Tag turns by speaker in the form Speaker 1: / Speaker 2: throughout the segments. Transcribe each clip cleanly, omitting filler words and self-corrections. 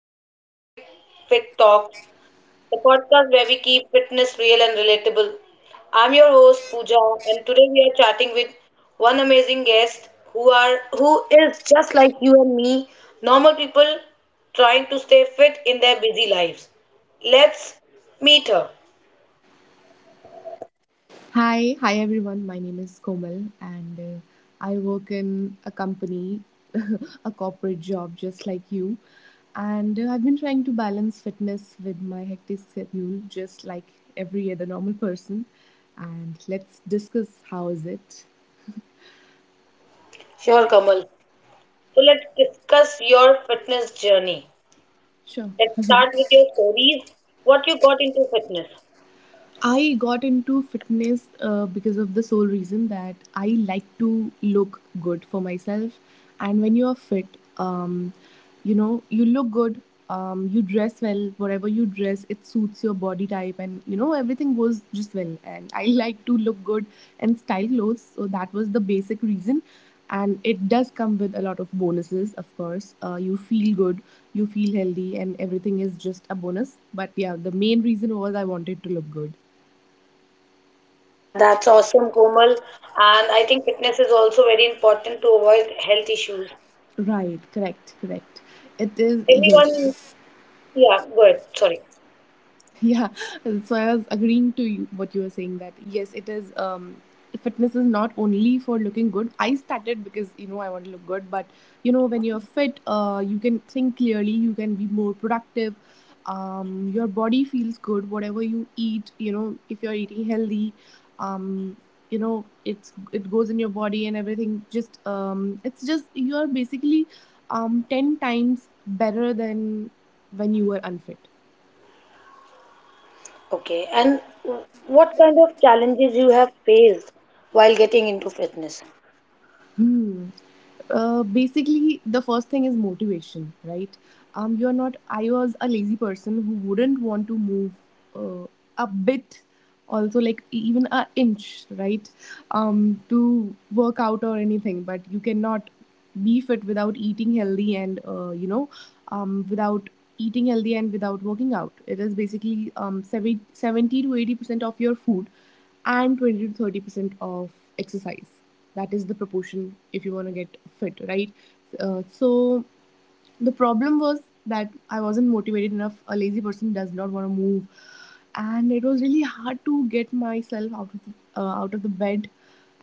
Speaker 1: welcome to Fit Talk, the podcast where we keep fitness real and relatable. I'm your host Pooja, and today we are chatting with one amazing guest who is just like you and me, normal people trying to stay fit in their busy lives. Let's meet her.
Speaker 2: Hi, hi everyone. My name is Komal, and I work in a company, a corporate job, just like you. And I've been trying to balance fitness with my hectic schedule, just like every other normal person. And let's discuss how is it.
Speaker 1: Sure, Kamal. So let's discuss your fitness journey.
Speaker 2: Sure.
Speaker 1: Let's start with your stories, what you got into fitness.
Speaker 2: I got into fitness because of the sole reason that I like to look good for myself. And when you are fit, um, you look good, you dress well, whatever you dress, it suits your body type, and everything goes just well. And I like to look good and style clothes, so that was the basic reason. And it does come with a lot of bonuses, of course. You feel good, you feel healthy, and everything is just a bonus. But yeah, the main reason was I wanted to look good.
Speaker 1: Yeah, that's awesome, Komal. And I think fitness is also very important to avoid health issues.
Speaker 2: Right, correct, correct. It is, yes.
Speaker 1: Everyone, yeah, go ahead. Sorry.
Speaker 2: Yeah, so I was agreeing to you what you were saying that yes, it is. Fitness is not only for looking good. I started because I want to look good, but when you're fit, you can think clearly, you can be more productive. Your body feels good, whatever you eat. If you're eating healthy, um, it goes in your body and everything. Just it's just you are basically 10 times better than when you were unfit.
Speaker 1: Okay. And what kind of challenges you have faced while getting into fitness?
Speaker 2: Hmm. Basically, the first thing is motivation, right? You're not. I was a lazy person who wouldn't want to move uh, a bit, also like even a inch, right? To work out or anything. But you cannot be fit without eating healthy and without eating healthy and without working out. It is basically seventy to eighty percent of your food and 20 to 30% of exercise, that is the proportion if you want to get fit, right? So the problem was that I wasn't motivated enough. A lazy person does not want to move, and it was really hard to get myself out of the bed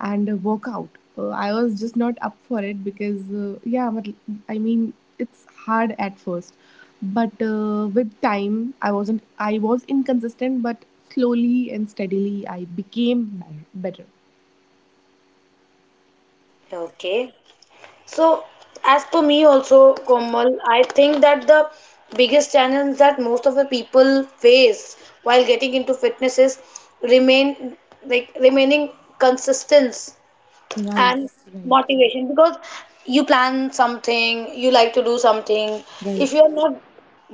Speaker 2: and work out. I was just not up for it because yeah, but I mean it's hard at first, but with time I wasn't. I was inconsistent, but slowly and steadily I became better.
Speaker 1: Okay. So, as per me also, Komal, I think that the biggest challenge that most of the people face while getting into fitness is remain remaining consistent
Speaker 2: Right,
Speaker 1: and
Speaker 2: right,
Speaker 1: motivation, because you plan something, you like to do something. If you are
Speaker 2: right.
Speaker 1: not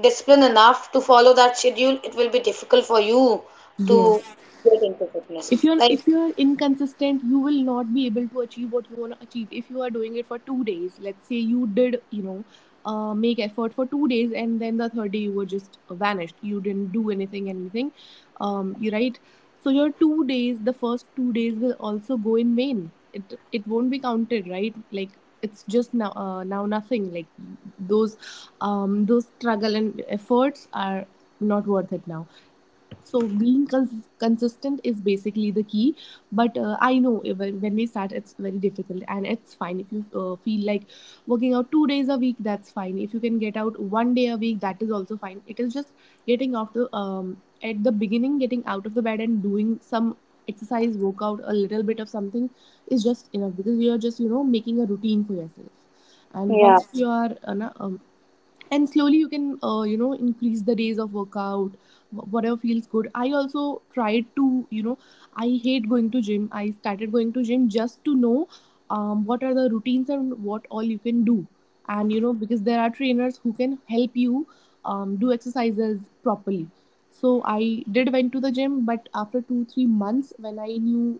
Speaker 1: disciplined enough to follow that schedule, it will be difficult for you to
Speaker 2: Yes.
Speaker 1: get into fitness.
Speaker 2: if you're
Speaker 1: Like,
Speaker 2: if you're inconsistent, you will not be able to achieve what you want to achieve. If you are doing it for 2 days, let's say you did, you know, make effort for 2 days, and then the third day you were just vanished, you didn't do anything. You, right? So your 2 days, the first 2 days will also go in vain. It won't be counted, right? Like, it's just now, now nothing. Like those those struggle and efforts are not worth it now. So being consistent is basically the key. But I know even when we start, it's very difficult, and it's fine if you feel like working out 2 days a week. That's fine. If you can get out one day a week, that is also fine. It is just getting out the at the beginning, getting out of the bed and doing some exercise, workout, a little bit of something is just enough because you are just making a routine for yourself. And
Speaker 1: yeah,
Speaker 2: once you are and slowly you can increase the days of workout, whatever feels good. I also tried to, I hate going to gym. I started going to gym just to know what are the routines and what all you can do. And because there are trainers who can help you do exercises properly. So I did went to the gym, but after 2-3 months when I knew,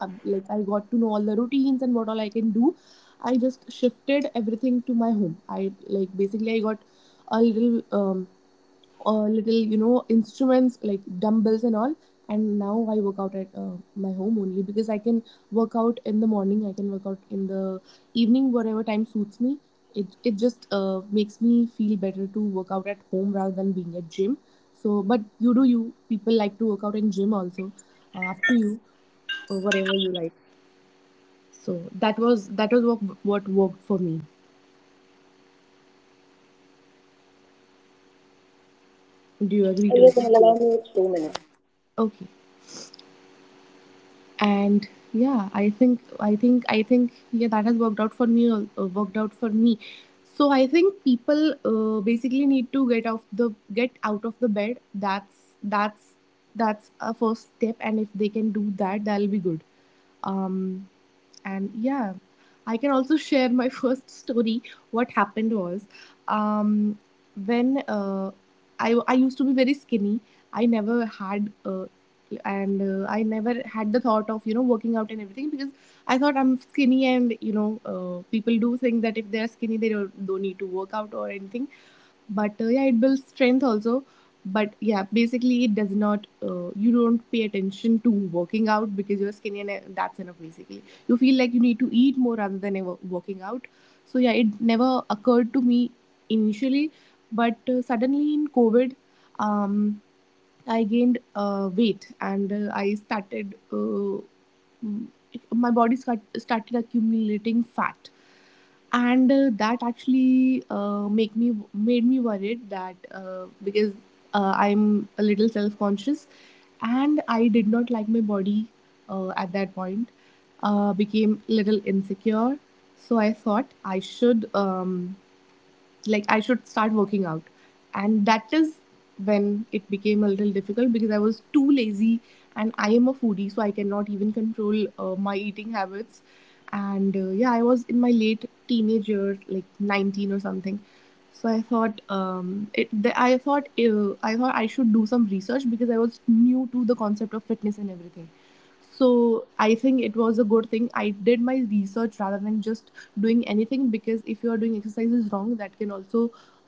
Speaker 2: like I got to know all the routines and what all I can do, I just shifted everything to my home. I like basically I got a little um, a little instruments like dumbbells and all. And now I work out at my home only because I can work out in the morning, I can work out in the evening, whatever time suits me. It just makes me feel better to work out at home rather than being at gym. So but you do, you people like to work out in gym also, up to you or whatever you like. So that was what worked for me. Do you agree to
Speaker 1: you can
Speaker 2: it?
Speaker 1: allow me 2 minutes.
Speaker 2: Okay. And yeah, I think yeah, that has worked out for me, worked out for me. So I think people basically need to get out of the bed. That's a first step, and if they can do that, that'll be good. um and yeah, I can also share my first story. What happened was, um when I used to be very skinny. I never had the thought of working out and everything because I thought I'm skinny, and people do think that if they're skinny they don't need to work out or anything. But yeah, it builds strength also. But yeah, basically it does not you don't pay attention to working out because you're skinny, and that's enough basically. You feel like you need to eat more rather than ever working out. So yeah, it never occurred to me initially, but suddenly in COVID, um, I gained weight, and I started, mm, my body started accumulating fat. And that actually make me made me worried, that because I'm a little self conscious, and I did not like my body at that point. Became little insecure, so I thought I should like I should start working out. And that is when it became a little difficult because I was too lazy and I am a foodie, so I cannot even control my eating habits. And yeah, I was in my late teenage years, like 19 or something. So I thought I should do some research because I was new to the concept of fitness and everything. So I think it was a good thing I did my research rather than just doing anything, because if you are doing exercises wrong, that can also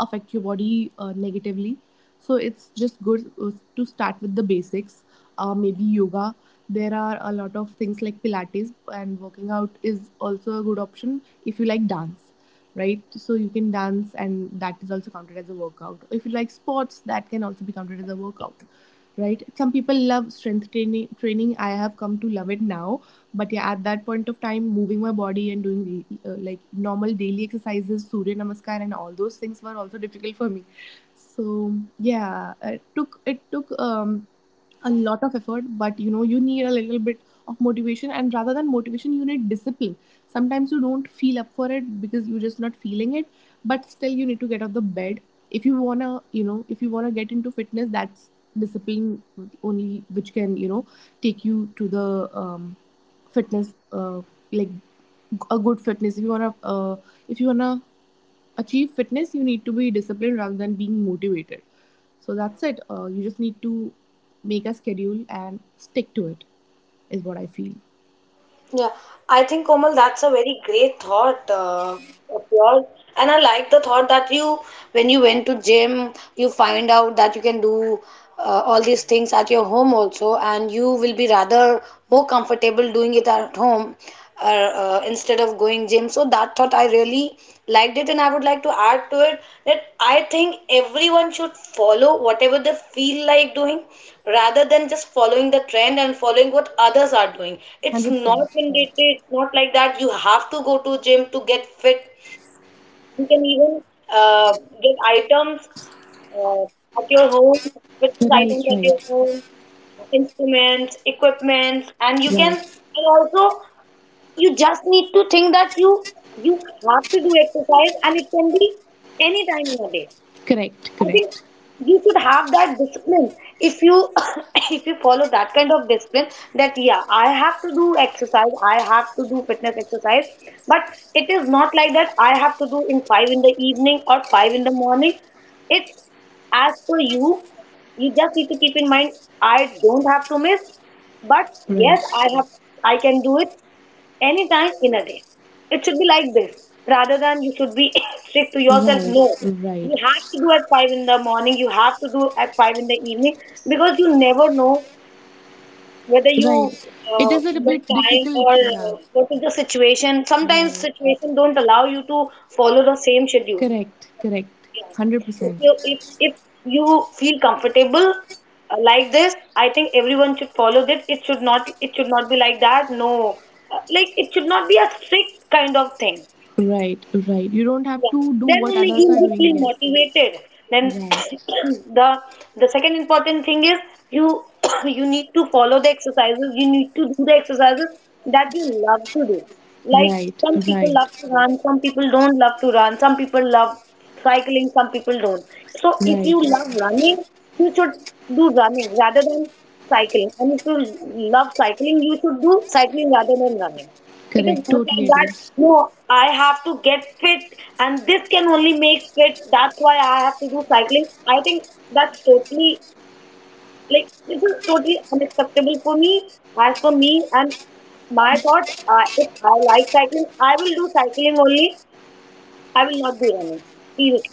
Speaker 2: affect your body negatively. So it's just good to start with the basics, maybe yoga. There are a lot of things like Pilates, and working out is also a good option. If you like dance, right, so you can dance and that is also counted as a workout. If you like sports, that can also be counted as a workout, right? Some people love strength training. I have come to love it now. But yeah, at that point of time, moving my body and doing like normal daily exercises, surya namaskar and all those things were also difficult for me. So yeah, it took a lot of effort, but you need a little bit of motivation, and rather than motivation you need discipline. Sometimes you don't feel up for it because you're just not feeling it, but still you need to get out of the bed. If you want to, if you want to get into fitness, that's discipline only which can take you to the fitness, like a good fitness. If you want to achieve fitness, you need to be disciplined rather than being motivated. So that's it. You just need to make a schedule and stick to it is what I feel.
Speaker 1: Yeah, I think, Komal, that's a very great thought of yours, and I like the thought that, you, when you went to gym, you find out that you can do all these things at your home also, and you will be rather more comfortable doing it at home or instead of going gym. So that thought I really liked it, and I would like to add to it that I think everyone should follow whatever they feel like doing rather than just following the trend and following what others are doing. It's
Speaker 2: 100%.
Speaker 1: not mandatory. It's not like that you have to go to gym to get fit. You can even uh, get items uh, at your home, fitness
Speaker 2: Right,
Speaker 1: items at your
Speaker 2: right,
Speaker 1: home, instruments, equipment, and you can
Speaker 2: right.
Speaker 1: and also you just need to think that you have to do exercise and it can be any time in your day.
Speaker 2: Correct,
Speaker 1: I think
Speaker 2: correct.
Speaker 1: you should have that discipline. If you if you follow that kind of discipline, that yeah, I have to do exercise, I have to do fitness exercise, but it is not like that I have to do in 5 in the evening or 5 in the morning. It's as per you. You just need to keep in mind, I don't have to miss, but yes,
Speaker 2: Right,
Speaker 1: I have, I can do it anytime in a day. It should be like this. Rather than you should be strict to yourself.
Speaker 2: right,
Speaker 1: No. You
Speaker 2: right.
Speaker 1: have to do at 5 in the morning. You have to do at 5 in the evening. Because you never know whether you
Speaker 2: Right. It is a
Speaker 1: get
Speaker 2: bit
Speaker 1: time
Speaker 2: difficult.
Speaker 1: or
Speaker 2: Yeah.
Speaker 1: what is the situation. Sometimes
Speaker 2: Right.
Speaker 1: situation don't allow you to follow the same schedule.
Speaker 2: Correct, correct.
Speaker 1: Yeah. If
Speaker 2: 100%.
Speaker 1: you if if you feel comfortable like this, I think everyone should follow that. It should not be like that. No, like it should not be a strict kind of thing.
Speaker 2: Right. Right. You don't have
Speaker 1: Yeah.
Speaker 2: to do
Speaker 1: Then
Speaker 2: what
Speaker 1: only
Speaker 2: others
Speaker 1: you
Speaker 2: are
Speaker 1: will
Speaker 2: doing.
Speaker 1: feel
Speaker 2: Yes.
Speaker 1: motivated. Then
Speaker 2: Right.
Speaker 1: the second important thing is you you need to follow the exercises. You need to do the exercises that you love to do. Like,
Speaker 2: Right.
Speaker 1: some people
Speaker 2: Right.
Speaker 1: love to run, some people don't love to run, some people love cycling, some people don't. So if you
Speaker 2: Right.
Speaker 1: love running, you should do running rather than cycling. And if you love cycling, you should do cycling rather than running. It
Speaker 2: Correct.
Speaker 1: is not
Speaker 2: Totally
Speaker 1: like
Speaker 2: agree.
Speaker 1: that, no, I have to get fit, and this can only make fit, that's why I have to do cycling. I think that's totally, like, this is totally unacceptable for me. As for me and my thoughts, if I like cycling, I will do cycling only. I will not do running. Seriously.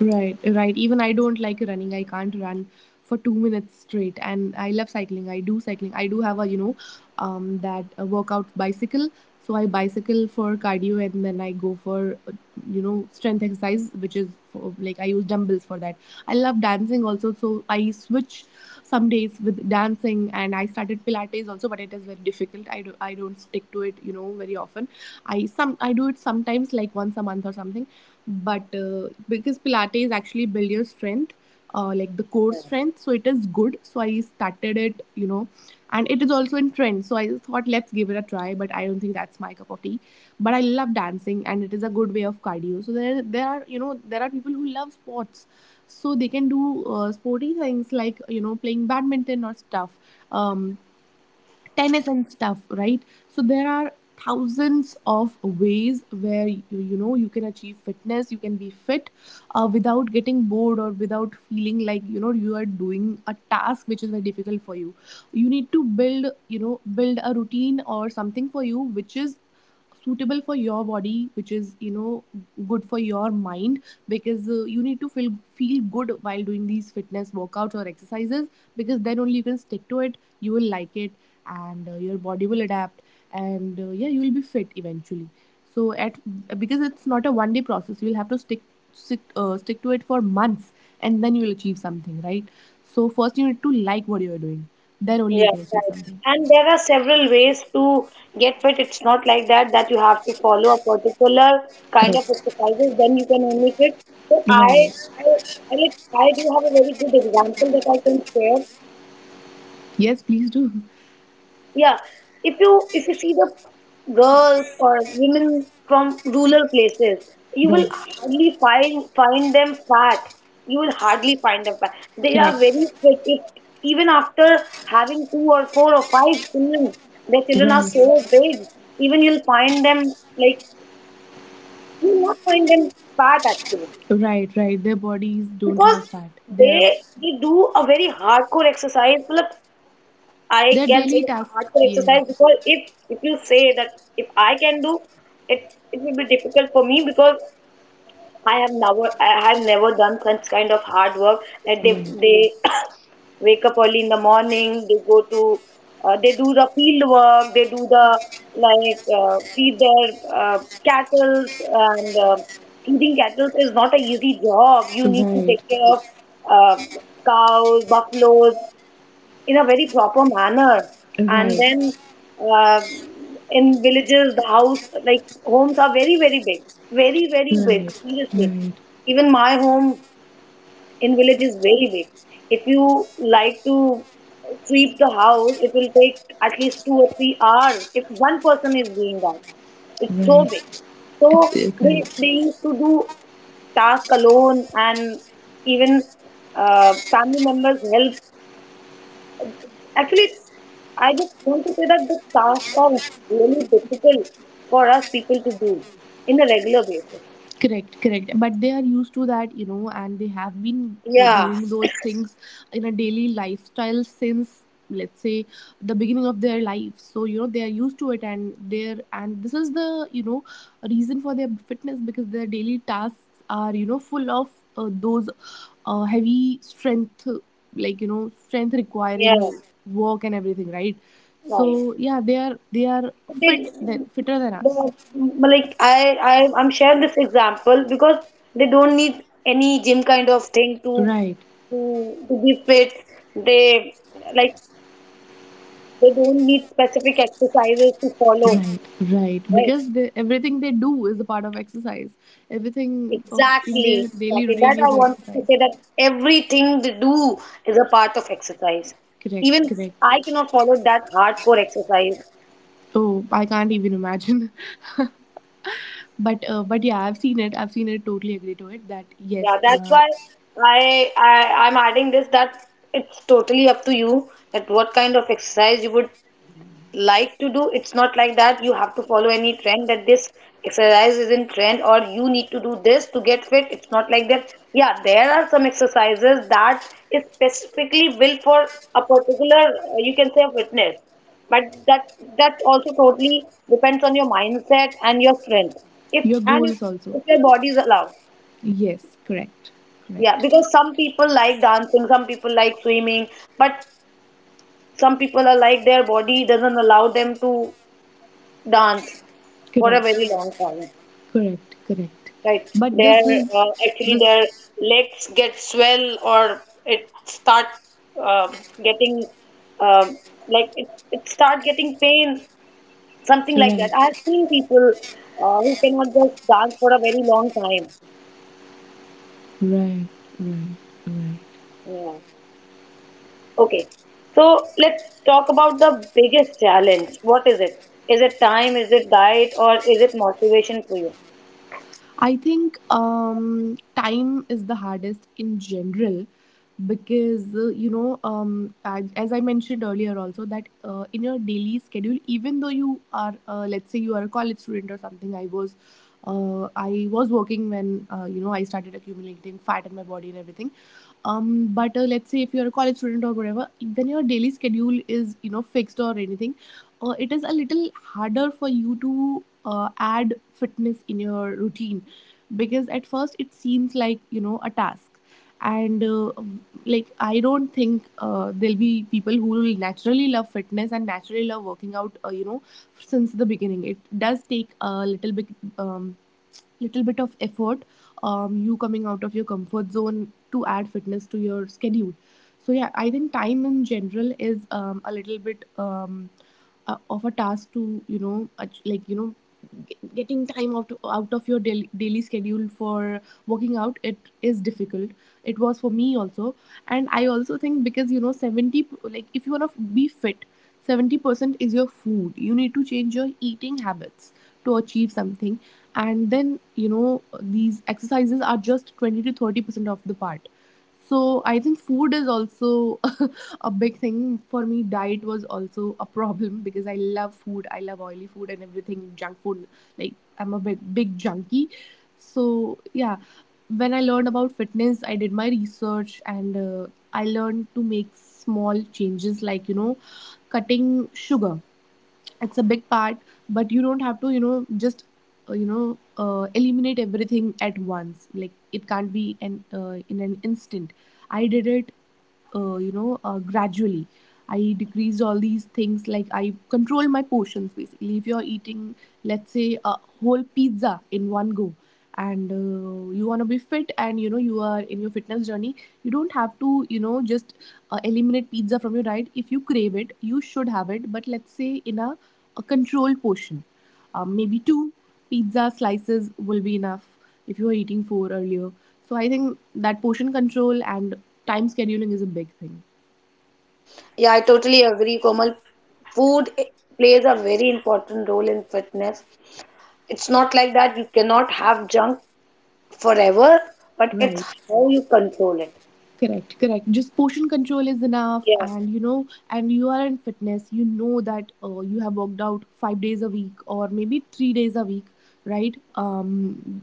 Speaker 2: Right, right. Even I don't like running. I can't run for 2 minutes straight. And I love cycling. I do cycling. I do have a that workout bicycle. So I bicycle for cardio, and then I go for strength exercise, which is for, like I use dumbbells for that. I love dancing also. So I switch some days with dancing, and I started Pilates also, but it is very difficult. I don't stick to it very often. I do it sometimes like once a month or something, but because Pilates is actually builds your strength, like the core strength, so it is good. So I started it, you know, and it is also in trend. So I just thought let's give it a try, but I don't think that's my cup of tea. But I love dancing, and it is a good way of cardio. So there are there are people who love sports, so they can do sporty things like you know playing badminton or stuff, um, tennis and stuff, right? So there are thousands of ways where you know, you can achieve fitness, you can be fit, without getting bored or without feeling like you know you are doing a task which is very difficult for you. You need to build, you know, build a routine or something for you which is suitable for your body, which is you know good for your mind, because you need to feel good while doing these fitness workouts or exercises, because then only you can stick to it, you will like it, and your body will adapt, and yeah, you will be fit eventually. So at, because it's not a one day process, you will have to stick stick to it for months, and then you will achieve something, right? So first you need to like what you are doing, then only you
Speaker 1: Yeah,
Speaker 2: can achieve
Speaker 1: right.
Speaker 2: something.
Speaker 1: And there are several ways to get fit. It's not like that that you have to follow a particular kind of
Speaker 2: Correct.
Speaker 1: exercises, then you can only fit. So I,
Speaker 2: Right.
Speaker 1: I, I like I do have a very good example that I can share.
Speaker 2: Yes, please do.
Speaker 1: Yeah, if you see the girls or women from rural places, you will
Speaker 2: Right.
Speaker 1: hardly find them fat. You will hardly find them fat. They are very
Speaker 2: Correct.
Speaker 1: fit, if, even after having two or four or five children, their children are so
Speaker 2: Right.
Speaker 1: big. Even you'll find them, like, you'll not find them fat actually,
Speaker 2: Right, right. Their bodies don't
Speaker 1: because
Speaker 2: have fat.
Speaker 1: they they do a very hardcore exercise, मतलब I
Speaker 2: Their
Speaker 1: can say
Speaker 2: daily
Speaker 1: it's a
Speaker 2: tasks,
Speaker 1: hardcore exercise,
Speaker 2: yes.
Speaker 1: because if you say that if I can do it, it will be difficult for me, because I have never done such kind of hard work that they
Speaker 2: Right.
Speaker 1: they wake up early in the morning, they go to, they do the field work, they do the like feed their cattle, and feeding cattle is not a easy job. You need to take
Speaker 2: Right.
Speaker 1: care of uh, cows, buffaloes, in a very proper manner. And then,
Speaker 2: Right.
Speaker 1: uh, in villages, the house, like homes are very, very big. Very, very big,
Speaker 2: Right.
Speaker 1: seriously.
Speaker 2: Right.
Speaker 1: Even my home in village is very big. If you like to sweep the house, it will take at least 2 or 3 hours if one person is doing that. It's so big.
Speaker 2: Right.
Speaker 1: So
Speaker 2: It's,
Speaker 1: they,
Speaker 2: correct.
Speaker 1: they used to do task alone, and even family members help. Actually, I just want to say that the tasks are really difficult for us people to do in a regular basis.
Speaker 2: Correct, correct. But they are used to that, you know, and they have been
Speaker 1: Yeah,
Speaker 2: doing those things in a daily lifestyle since, let's say, the beginning of their life, so you know they are used to it, and they're and this is the you know reason for their fitness, because their daily tasks are you know full of those heavy strength, like you know strength
Speaker 1: yeah,
Speaker 2: requiring work and everything, right?
Speaker 1: right.
Speaker 2: So yeah, they are
Speaker 1: So
Speaker 2: fit,
Speaker 1: they,
Speaker 2: that fitter than us.
Speaker 1: the, like I'm sharing this example because they don't need any gym kind of thing to
Speaker 2: Right.
Speaker 1: be fit. They, like, they don't need specific exercises to follow,
Speaker 2: Right, right.
Speaker 1: right?
Speaker 2: Because they, everything they do is a part of exercise. Everything of in their
Speaker 1: Exactly,
Speaker 2: daily
Speaker 1: exactly. That
Speaker 2: routine
Speaker 1: I
Speaker 2: is
Speaker 1: wanted to
Speaker 2: exercise.
Speaker 1: say that everything they do is a part of exercise.
Speaker 2: Correct,
Speaker 1: Even
Speaker 2: correct.
Speaker 1: I cannot follow that hardcore exercise.
Speaker 2: Oh, I can't even imagine. But but yeah, I've seen it. I've seen it. Totally agree to it. That yes,
Speaker 1: Yeah, that's why, I'm adding this that it's totally up to you that what kind of exercise you would like to do. It's not like that you have to follow any trend, that this exercise is in trend or you need to do this to get fit. It's not like that. Yeah, there are some exercises that is specifically built for a particular, you can say a fitness, but that that also totally depends on your mindset and your strength, if
Speaker 2: your
Speaker 1: and if,
Speaker 2: goals also.
Speaker 1: if your body is allowed.
Speaker 2: Yes, correct,
Speaker 1: Yeah, because
Speaker 2: correct,
Speaker 1: some people like dancing, some people like swimming, but some people are like their body doesn't allow them to dance for a very
Speaker 2: correct,
Speaker 1: long time,
Speaker 2: correct, correct.
Speaker 1: right?
Speaker 2: But
Speaker 1: Their
Speaker 2: this is
Speaker 1: actually their
Speaker 2: this,
Speaker 1: legs get swell or it start um getting um, like, it start getting pain, something like that. I have
Speaker 2: right,
Speaker 1: seen people who cannot just dance for a very long time.
Speaker 2: right, right, right.
Speaker 1: Yeah, okay, so let's talk about the biggest challenge. What is it? Is it time, is it diet, or is it motivation for you?
Speaker 2: I think time is the hardest in general, because you know, as I mentioned earlier also, that in your daily schedule, even though you are let's say you are a college student or something. I was working when you know I started accumulating fat in my body and everything, but let's say if you're a college student or whatever, when your daily schedule is you know fixed or anything, it is a little harder for you to add fitness in your routine, because at first it seems like you know a task, and like I don't think there'll be people who will naturally love fitness and naturally love working out, you know, since the beginning. It does take a little bit, um, little bit of effort, you coming out of your comfort zone to add fitness to your schedule. So yeah, I think time in general is a little bit, of a task to you know like you know getting time out of your daily schedule for working out. It is difficult. It was for me also. And I also think because you know like if you want to be fit, 70% is your food. You need to change your eating habits to achieve something. And then you know these exercises are just 20 to 30% of the part. So I think food is also a big thing for me. Diet was also a problem because I love food, I love oily food and everything, junk food, like I'm a big junkie. So yeah, when I learned about fitness, I did my research, and I learned to make small changes, like you know cutting sugar. It's a big part. But you don't have to you know just you know eliminate everything at once. Like it can't be an in an instant. I did it you know gradually. I decreased all these things, like I control my portions. Basically, if you're eating, let's say, a whole pizza in one go, and you want to be fit and you know you are in your fitness journey, you don't have to you know just eliminate pizza from your diet. If you crave it, you should have it, but let's say in a controlled portion. Maybe two pizza slices will be enough if you were eating four earlier. So I think that portion control and time scheduling is a big thing.
Speaker 1: Yeah, I totally agree, Komal. Food i- plays a very important role in fitness. It's not like that you cannot have junk forever, but it's
Speaker 2: Right.
Speaker 1: how you control it.
Speaker 2: Correct, correct. Just portion control is enough,
Speaker 1: Yeah,
Speaker 2: and you know, and you are in fitness, you know that you have worked out 5 days a week or maybe 3 days a week, right?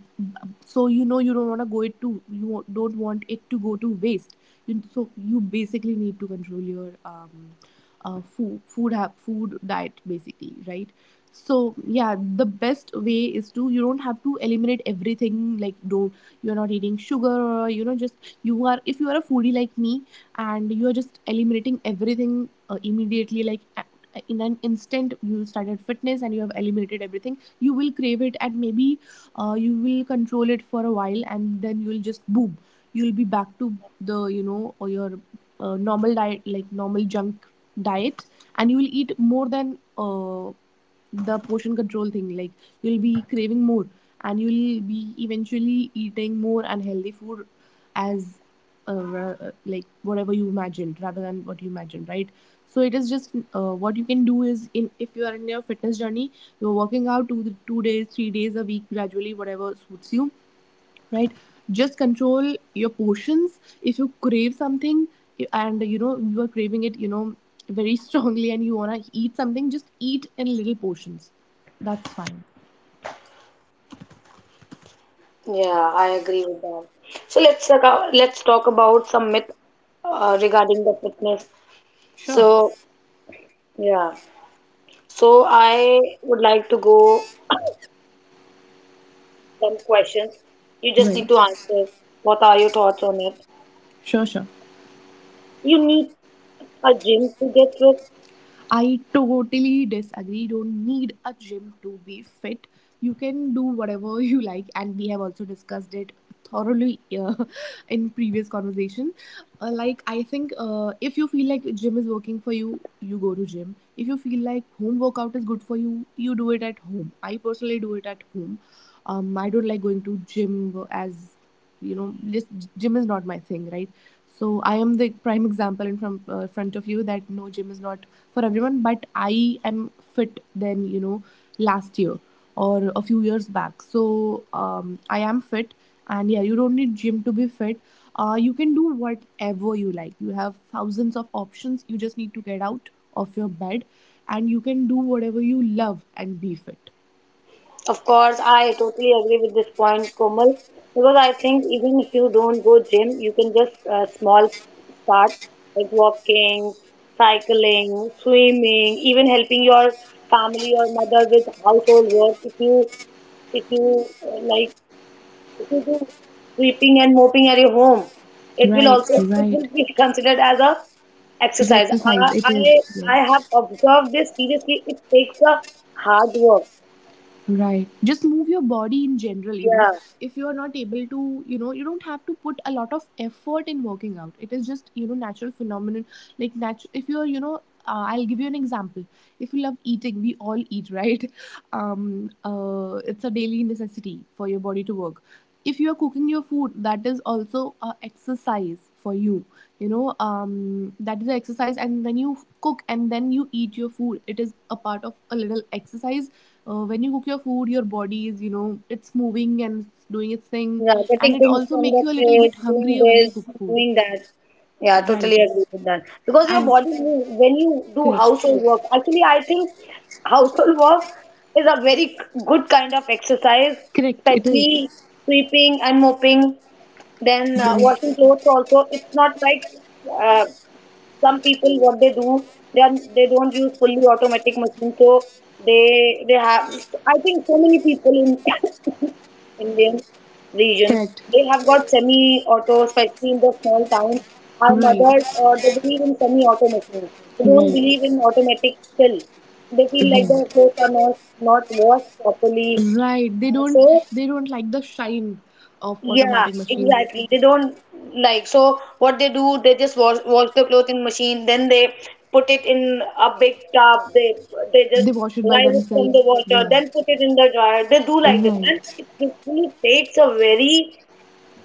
Speaker 2: So you know you don't want to go it to you don't want it to go to waste. You, so you basically need to control your food diet basically, right? So yeah, the best way is to you don't have to eliminate everything. Like don't, you're not eating sugar or you know just, you are if you are a foodie like me, and you are just eliminating everything immediately, like in an instant, you started fitness and you have eliminated everything, you will crave it, and maybe you will control it for a while, and then you'll just boom, you'll be back to the you know, or your normal diet, like normal junk diet, and you will eat more than the portion control thing, like you'll be craving more, and you'll be eventually eating more unhealthy food, as like whatever you imagined rather than what you imagined, right? So it is just, what you can do is, in if you are in your fitness journey, you're working out two days 3 days a week, gradually, whatever suits you, right? Just control your portions. If you crave something and you know you are craving it, you know, very strongly, and you want to eat something, just eat in little portions. That's fine.
Speaker 1: yeah, I agree with that. So let's talk, let's talk about some myth regarding the fitness.
Speaker 2: Sure.
Speaker 1: So yeah, so I would like to go some questions. You just need to
Speaker 2: Right.
Speaker 1: answer. What are your thoughts on it?
Speaker 2: Sure, sure.
Speaker 1: You need a gym to get fit.
Speaker 2: I totally disagree. You don't need a gym to be fit. You can do whatever you like, and we have also discussed it thoroughly in previous conversation. Like I think, if you feel like gym is working for you, you go to gym. If you feel like home workout is good for you, you do it at home. I personally do it at home, I don't like going to gym as you know gym is not my thing, right? So I am the prime example in front of you that no, gym is not for everyone, but I am fit than you know last year or a few years back. So I am fit, and yeah, you don't need gym to be fit. You can do whatever you like, you have thousands of options, you just need to get out of your bed, and you can do whatever you love and be fit.
Speaker 1: Of course, I totally agree with this point, Komal, because I think even if you don't go gym, you can just small start, like walking, cycling, swimming, even helping your family or mother with household work. If you like, if you do sweeping and mopping at your home, it will
Speaker 2: Right,
Speaker 1: also, it will
Speaker 2: right.
Speaker 1: be considered as a
Speaker 2: It's
Speaker 1: exercise. I
Speaker 2: exercise. It
Speaker 1: I,
Speaker 2: is.
Speaker 1: I have
Speaker 2: Yes.
Speaker 1: observed this seriously. It takes a hard work.
Speaker 2: Right. Just move your body in general, you know.
Speaker 1: Yeah.
Speaker 2: If you are not able to, you know, you don't have to put a lot of effort in working out. It is just, you know, natural phenomenon. Like natural if you're, you know, I'll give you an example. If you love eating, we all eat, right? It's a daily necessity for your body to work. If you are cooking your food, that is also a exercise for you, you know, that is an exercise, and when you cook and then you eat your food, it is a part of a little exercise. When you cook your food, your body is you know it's moving and it's doing its thing,
Speaker 1: Yeah, getting
Speaker 2: and it
Speaker 1: things
Speaker 2: also
Speaker 1: from the
Speaker 2: makes you a little bit
Speaker 1: fridge, doing
Speaker 2: hungrier when
Speaker 1: this,
Speaker 2: you cook food.
Speaker 1: doing that. Yeah, totally
Speaker 2: Right.
Speaker 1: agree with that. Because your
Speaker 2: And
Speaker 1: body moves when you do
Speaker 2: correct.
Speaker 1: household work. Actually, I think household work is a very good kind of exercise,
Speaker 2: Correct, it
Speaker 1: especially
Speaker 2: is.
Speaker 1: sweeping and mopping, then washing
Speaker 2: Yes,
Speaker 1: clothes also. It's not like, uh, some people what they do, they are, they don't use fully automatic machines, so they have, I think so many people in Indian region,
Speaker 2: correct,
Speaker 1: they have got semi auto, especially in the small towns. Our
Speaker 2: right,
Speaker 1: mothers, they believe in semi auto machines. They don't
Speaker 2: right,
Speaker 1: believe in automatic still. They feel like the
Speaker 2: right,
Speaker 1: clothes are not washed properly,
Speaker 2: right. They don't,
Speaker 1: so
Speaker 2: they don't like the shine of
Speaker 1: yeah,
Speaker 2: automatic
Speaker 1: exactly.
Speaker 2: machines.
Speaker 1: They don't like, so what they do, they just wash the clothes in machine, then they put it in a big tub, they just
Speaker 2: They wash it by
Speaker 1: rise it from the
Speaker 2: themselves,
Speaker 1: water,
Speaker 2: yeah.
Speaker 1: then put it in the dryer. They do like this. And
Speaker 2: Right.
Speaker 1: it really takes a very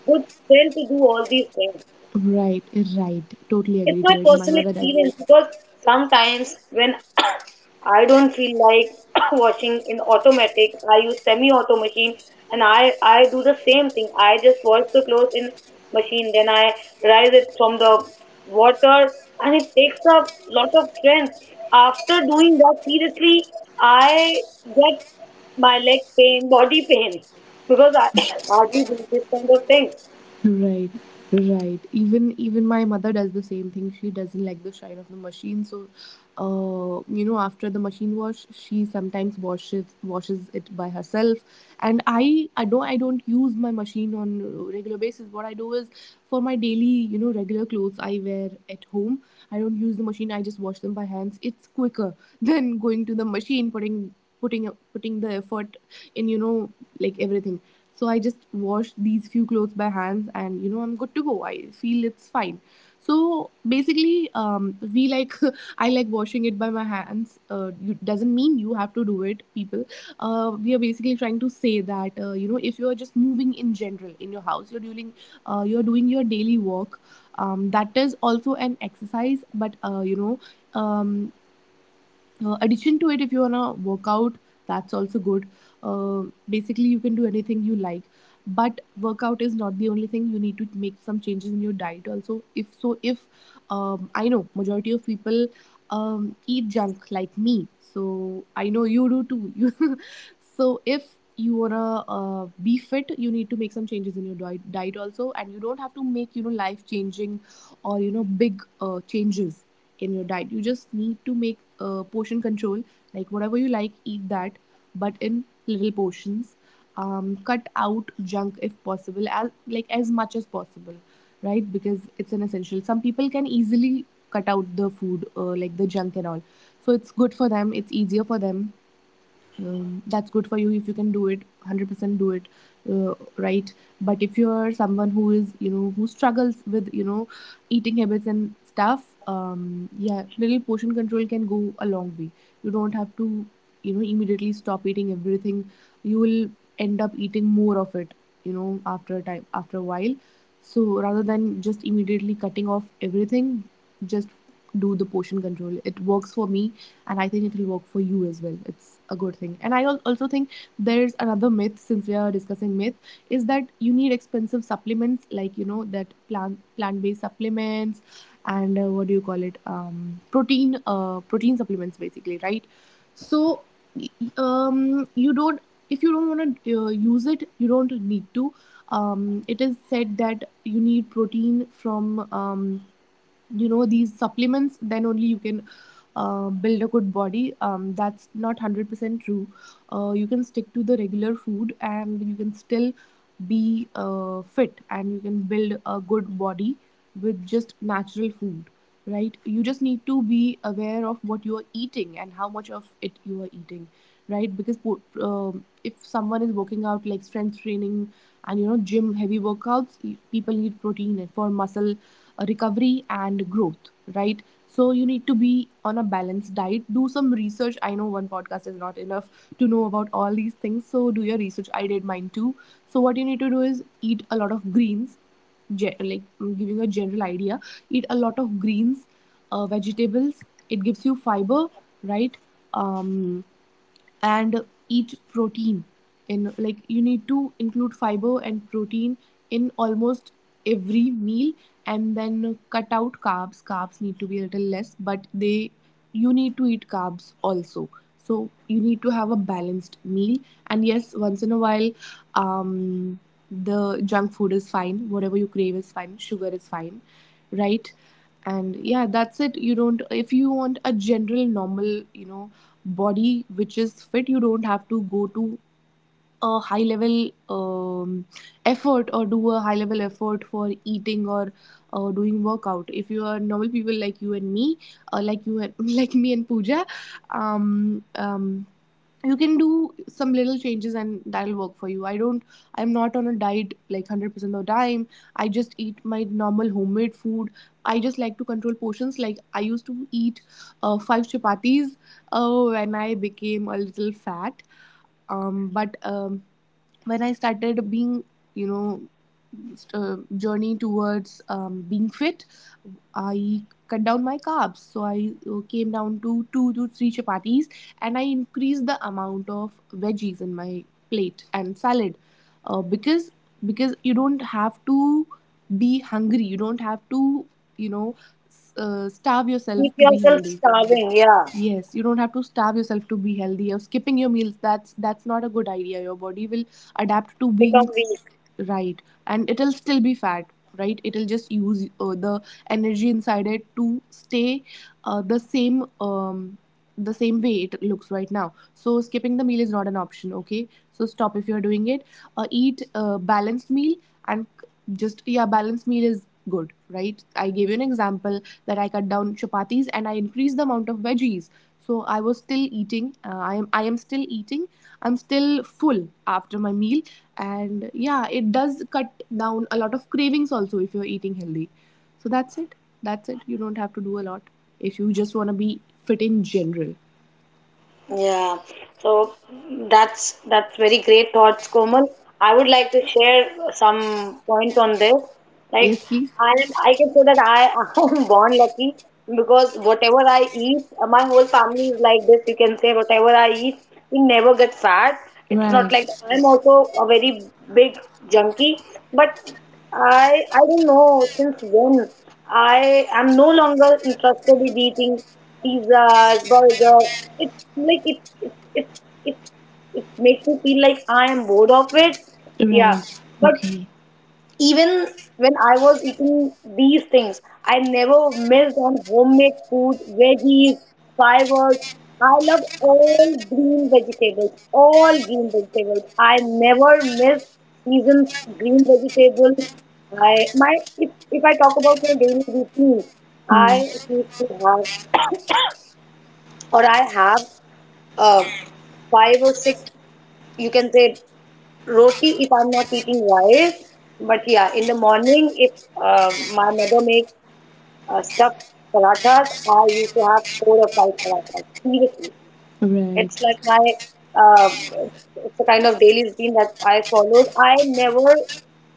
Speaker 1: good strength to do all these things.
Speaker 2: Right, right. Totally
Speaker 1: It's
Speaker 2: agree
Speaker 1: my
Speaker 2: to it. My
Speaker 1: personal
Speaker 2: mother does.
Speaker 1: experience because sometimes when I don't feel like washing in automatic, I use semi-auto machine and I do the same thing. I just wash the clothes in machine, then I rise it from the water and it takes a lot of strength. After doing that, seriously, I get my leg pain, body pain because I hardly do this kind of things.
Speaker 2: Right, right. Even my mother does the same thing. She doesn't like the shine of the machine, so you know, after the machine wash, she sometimes washes it by herself. And I don't use my machine on a regular basis. What I do is for my daily regular clothes I wear at home. I don't use the machine. I just wash them by hands. It's quicker than going to the machine putting the effort in you know like everything So I just wash these few clothes by hands, and I'm good to go. I feel it's fine. So basically, we like, I like washing it by my hands. You, doesn't mean you have to do it, people. We are basically trying to say that, if you are just moving in general in your house, you're doing your daily work. That is also an exercise, but um, addition to it, if you want to work out, that's also good. uh, Basically, you can do anything you like. But workout is not the only thing. You need to make some changes in your diet also. If, I know majority of people, eat junk like me. So I know you do too. you so if you wanna be fit, you need to make some changes in your diet also. And you don't have to make, life changing, or big changes in your diet. You just need to make, portion control, like whatever you like, eat that, but in little portions. Cut out junk if possible, as like as much as possible, right? Because it's an essential. Some people can easily cut out the food, like the junk and all. So it's good for them. It's easier for them. Um, that's good for you if you can do it, 100% do it. Right. But if you're someone who is, who struggles with, eating habits and stuff, yeah, little portion control can go a long way. You don't have to, immediately stop eating everything. You will end up eating more of it, after a time, after a while. So rather than just immediately cutting off everything, just do the portion control. It works for me, and I think it will work for you as well. It's a good thing. And I also think there's another myth, since we are discussing myth, is that you need expensive supplements, like that plant based supplements, and what do you call it, protein, protein supplements basically, right. So, you don't, if you don't want to use it, you don't need to. Um, it is said that you need protein from, these supplements, then only you can build a good body. Um, that's not 100% true. You can stick to the regular food and you can still be fit, and you can build a good body with just natural food. Right, you just need to be aware of what you are eating and how much of it you are eating. Right, because if someone is working out, like strength training, and gym, heavy workouts, people need protein for muscle recovery and growth, right. So you need to be on a balanced diet. Do some research. I know one podcast is not enough to know about all these things, so do your research. I did mine too. So what you need to do is eat a lot of greens. Like I'm giving a general idea, eat a lot of greens, vegetables. It gives you fiber, right. Um, and eat protein in, like, you need to include fiber and protein in almost every meal. And then cut out carbs. Carbs need to be a little less, but they, you need to eat carbs also. So you need to have a balanced meal. And yes, once in a while, um, the junk food is fine, whatever you crave is fine, sugar is fine, right. And yeah, that's it. You don't, if you want a general normal, body which is fit, you don't have to go to a high level effort, or do a high level effort for eating, or doing workout. If you are normal people like you and me, like you and, like me and Pooja, um, um, you can do some little changes and that'll work for you. I don't, I'm not on a diet like 100% of the time. I just eat my normal homemade food. I just like to control portions. Like, I used to eat five chapatis when I became a little fat. But when I started being, you know, journey towards, being fit, I cut down my carbs. So I came down to two to three chapatis, and I increased the amount of veggies in my plate and salad, uh, because because you don't have to be hungry. You don't have to, you know, starve
Speaker 1: Keep
Speaker 2: yourself to be
Speaker 1: yourself
Speaker 2: healthy.
Speaker 1: starving, yeah,
Speaker 2: Yes, you don't have to starve yourself to be healthy, or skipping your meals. That's not a good idea. Your body will adapt to
Speaker 1: become
Speaker 2: being.
Speaker 1: weak.
Speaker 2: Right. And it'll still be fat, right? It'll just use the energy inside it to stay the same, the same way it looks right now. So skipping the meal is not an option, okay? So stop if you're doing it. Eat a balanced meal, and just, yeah, balanced meal is good, right? I gave you an example that I cut down chapatis and I increased the amount of veggies. So I was still eating. I am still eating. I'm still full after my meal, and yeah, it does cut down a lot of cravings also if you're eating healthy. So that's it. That's it, you don't have to do a lot if you just want to be fit in general.
Speaker 1: Yeah, so that's very great thoughts, Komal. I would like to share some points on this. Like
Speaker 2: Yes, please.
Speaker 1: I am, I can say that I am born lucky because whatever I eat, my whole family is like this. You can say whatever I eat, we never get fat. It's not like
Speaker 2: Right,
Speaker 1: I'm also a very big junkie, but I don't know since when I am no longer interested in eating pizzas, burgers like it it, it makes me feel like I am bored of it. Yeah,
Speaker 2: right,
Speaker 1: but
Speaker 2: okay.
Speaker 1: even when I was eating these things, I never missed on homemade food, veggies, fibers. I love all green vegetables, all green vegetables. I never miss season's green vegetable. I my if I talk about my daily routine,
Speaker 2: Hmm.
Speaker 1: I used to have or I have uh, five or six, you can say roti if I'm not eating rice. But yeah, in the morning, if my mother makes stuffed parathas, I used to have four or five parathas. Seriously. It's
Speaker 2: Right,
Speaker 1: like my uh, it's it's a kind of daily routine that I followed. I never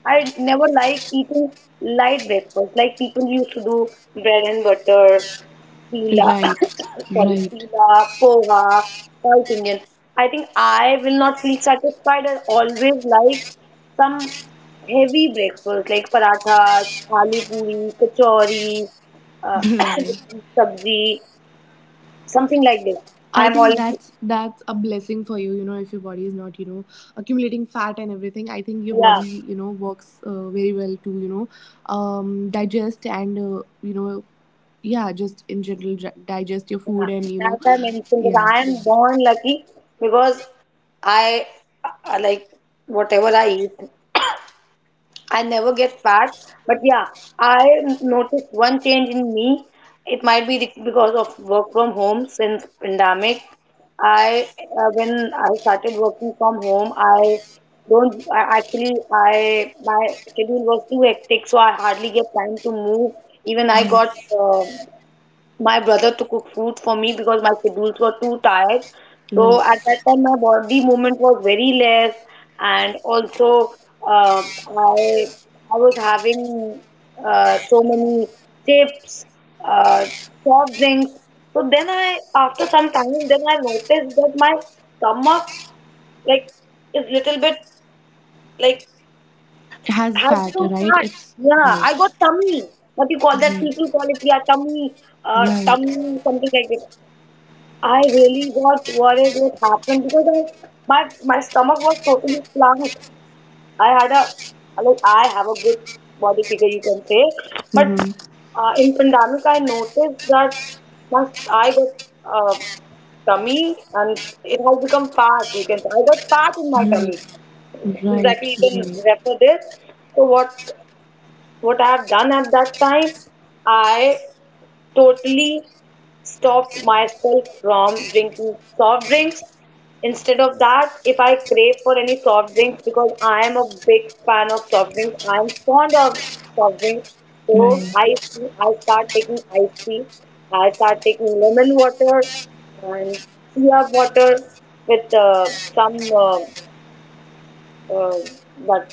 Speaker 1: I never like eating light breakfast like people used to do bread and butter, chila,
Speaker 2: right,
Speaker 1: sorry,
Speaker 2: right.
Speaker 1: chila, poha, South Indian. I think I will not feel satisfied. I always like some heavy breakfast like parathas, aloo puri, kachori, uh,
Speaker 2: Right.
Speaker 1: with some sabzi, something like this.
Speaker 2: I
Speaker 1: I'm
Speaker 2: think
Speaker 1: always
Speaker 2: that's a blessing for you. You know, if your body is not, accumulating fat and everything, I think your
Speaker 1: yeah.
Speaker 2: body, works very well to, digest and, yeah, just in general digest your food,
Speaker 1: Yeah,
Speaker 2: and,
Speaker 1: that's I mentioned that
Speaker 2: yeah,
Speaker 1: I am born lucky because I like whatever I eat, I never get fat. But yeah, I noticed one change in me. It might be because of work from home since pandemic. I When I started working from home, I don't I actually I my schedule was too hectic, so I hardly get time to move. Even I got
Speaker 2: right,
Speaker 1: uh, my brother to cook food for me because my schedules were too tired. So at
Speaker 2: right.
Speaker 1: that time, my body movement was very less, and also uh, I I was having so many chips, uh, soft drinks. So then I, after some time, then I noticed that my stomach like is little bit like
Speaker 2: It has
Speaker 1: has
Speaker 2: fat,
Speaker 1: become
Speaker 2: right?
Speaker 1: fat.
Speaker 2: It's
Speaker 1: Yeah, I got
Speaker 2: right,
Speaker 1: tummy. What you call that? People
Speaker 2: right,
Speaker 1: call it yeah tummy,
Speaker 2: right,
Speaker 1: tummy something like that. I really got worried what happened because my stomach was totally flat. I had a like I have a good body figure, you can say, but
Speaker 2: mm-hmm.
Speaker 1: in pandemic I noticed that my I got uh, tummy and it has become fat. You can say I got fat in my
Speaker 2: Right,
Speaker 1: tummy.
Speaker 2: right,
Speaker 1: Exactly, you can
Speaker 2: right,
Speaker 1: refer this. So what I have done at that time, I totally stopped myself from drinking soft drinks. Instead of that, if I crave for any soft drinks, because I am a big fan of soft drinks, I am fond of soft drinks. So
Speaker 2: right.
Speaker 1: ice tea, I start taking ice tea. I start taking lemon water and chia water with some uh, that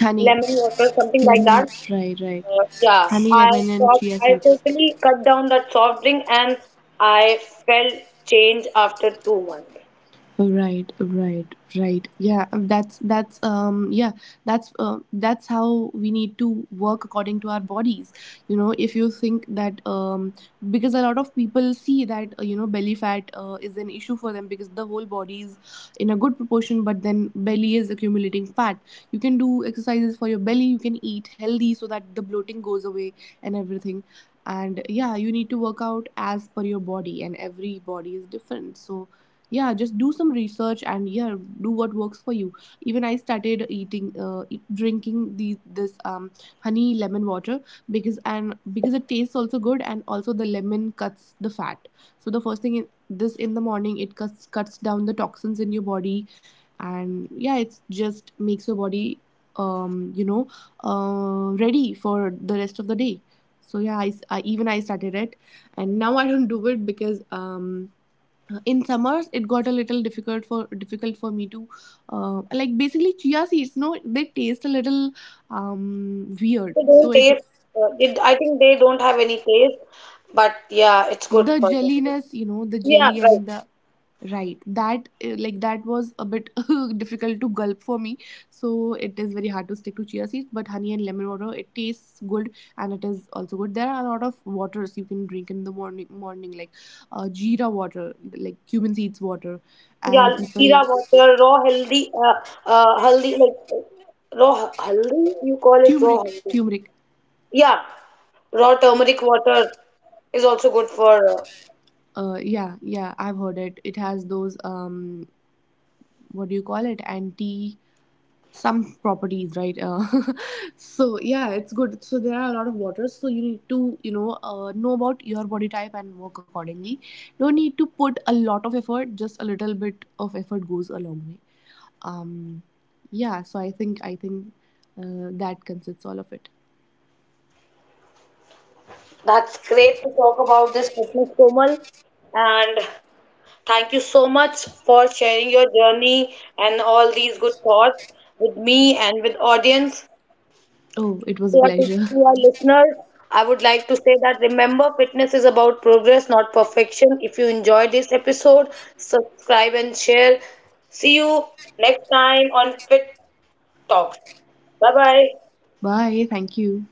Speaker 2: Honey,
Speaker 1: lemon water, something like
Speaker 2: lemon,
Speaker 1: that.
Speaker 2: right, right.
Speaker 1: Yeah,
Speaker 2: Honey,
Speaker 1: I
Speaker 2: lemon, and
Speaker 1: stopped.
Speaker 2: chia
Speaker 1: I
Speaker 2: seeds.
Speaker 1: totally cut down that soft drink, and I felt change after 2 months.
Speaker 2: Right, right, right. Yeah, that's um, yeah, that's how we need to work according to our bodies. You know, if you think that, um, because a lot of people see that, belly fat is an issue for them, because the whole body is in a good proportion, but then belly is accumulating fat. You can do exercises for your belly. You can eat healthy so that the bloating goes away and everything. And yeah, you need to work out as per your body, and every body is different. So yeah, just do some research, and yeah, do what works for you. Even I started eating, drinking the this, um, honey lemon water because, and because it tastes also good, and also the lemon cuts the fat. So the first thing in, this in the morning, it cuts down the toxins in your body, and yeah, it's just makes your body, um, uh, ready for the rest of the day. So yeah, even I started it, and now I don't do it because, um, in summers it got a little difficult for me to, like, basically chia seeds, no, they taste a little, um, weird.
Speaker 1: They
Speaker 2: So
Speaker 1: don't
Speaker 2: it,
Speaker 1: taste. I think they don't have any taste, but yeah, it's good
Speaker 2: the
Speaker 1: for the body.
Speaker 2: jelliness, you know, the
Speaker 1: Yeah,
Speaker 2: jelly
Speaker 1: right.
Speaker 2: and the, right, that, like that was a bit difficult to gulp for me. So it is very hard to stick to chia seeds, but honey and lemon water, it tastes good, and it is also good. There are a lot of waters you can drink in the morning, like jeera water, like cumin seeds water.
Speaker 1: Yeah,
Speaker 2: And
Speaker 1: jeera
Speaker 2: people,
Speaker 1: water, raw haldi, haldi like raw haldi. You call it raw
Speaker 2: turmeric,
Speaker 1: haldi?
Speaker 2: turmeric.
Speaker 1: Yeah, raw turmeric water is also good for.
Speaker 2: Yeah, yeah, I've heard it. It has those, what do you call it? Anti, some properties, right? So yeah, it's good. So there are a lot of waters. So you need to, you know about your body type and work accordingly. Don't need to put a lot of effort. Just a little bit of effort goes a long way. Um, yeah. So I think that consists all of it.
Speaker 1: That's great to talk about this fitness, Komal, and. Thank you so much for sharing your journey and all these good thoughts with me and with audience.
Speaker 2: Oh, it was a pleasure.
Speaker 1: To our listeners, I would like to say that remember fitness is about progress, not perfection. If you enjoyed this episode, subscribe and share. See you next time on Fit Talks. Bye bye.
Speaker 2: Bye. Thank you.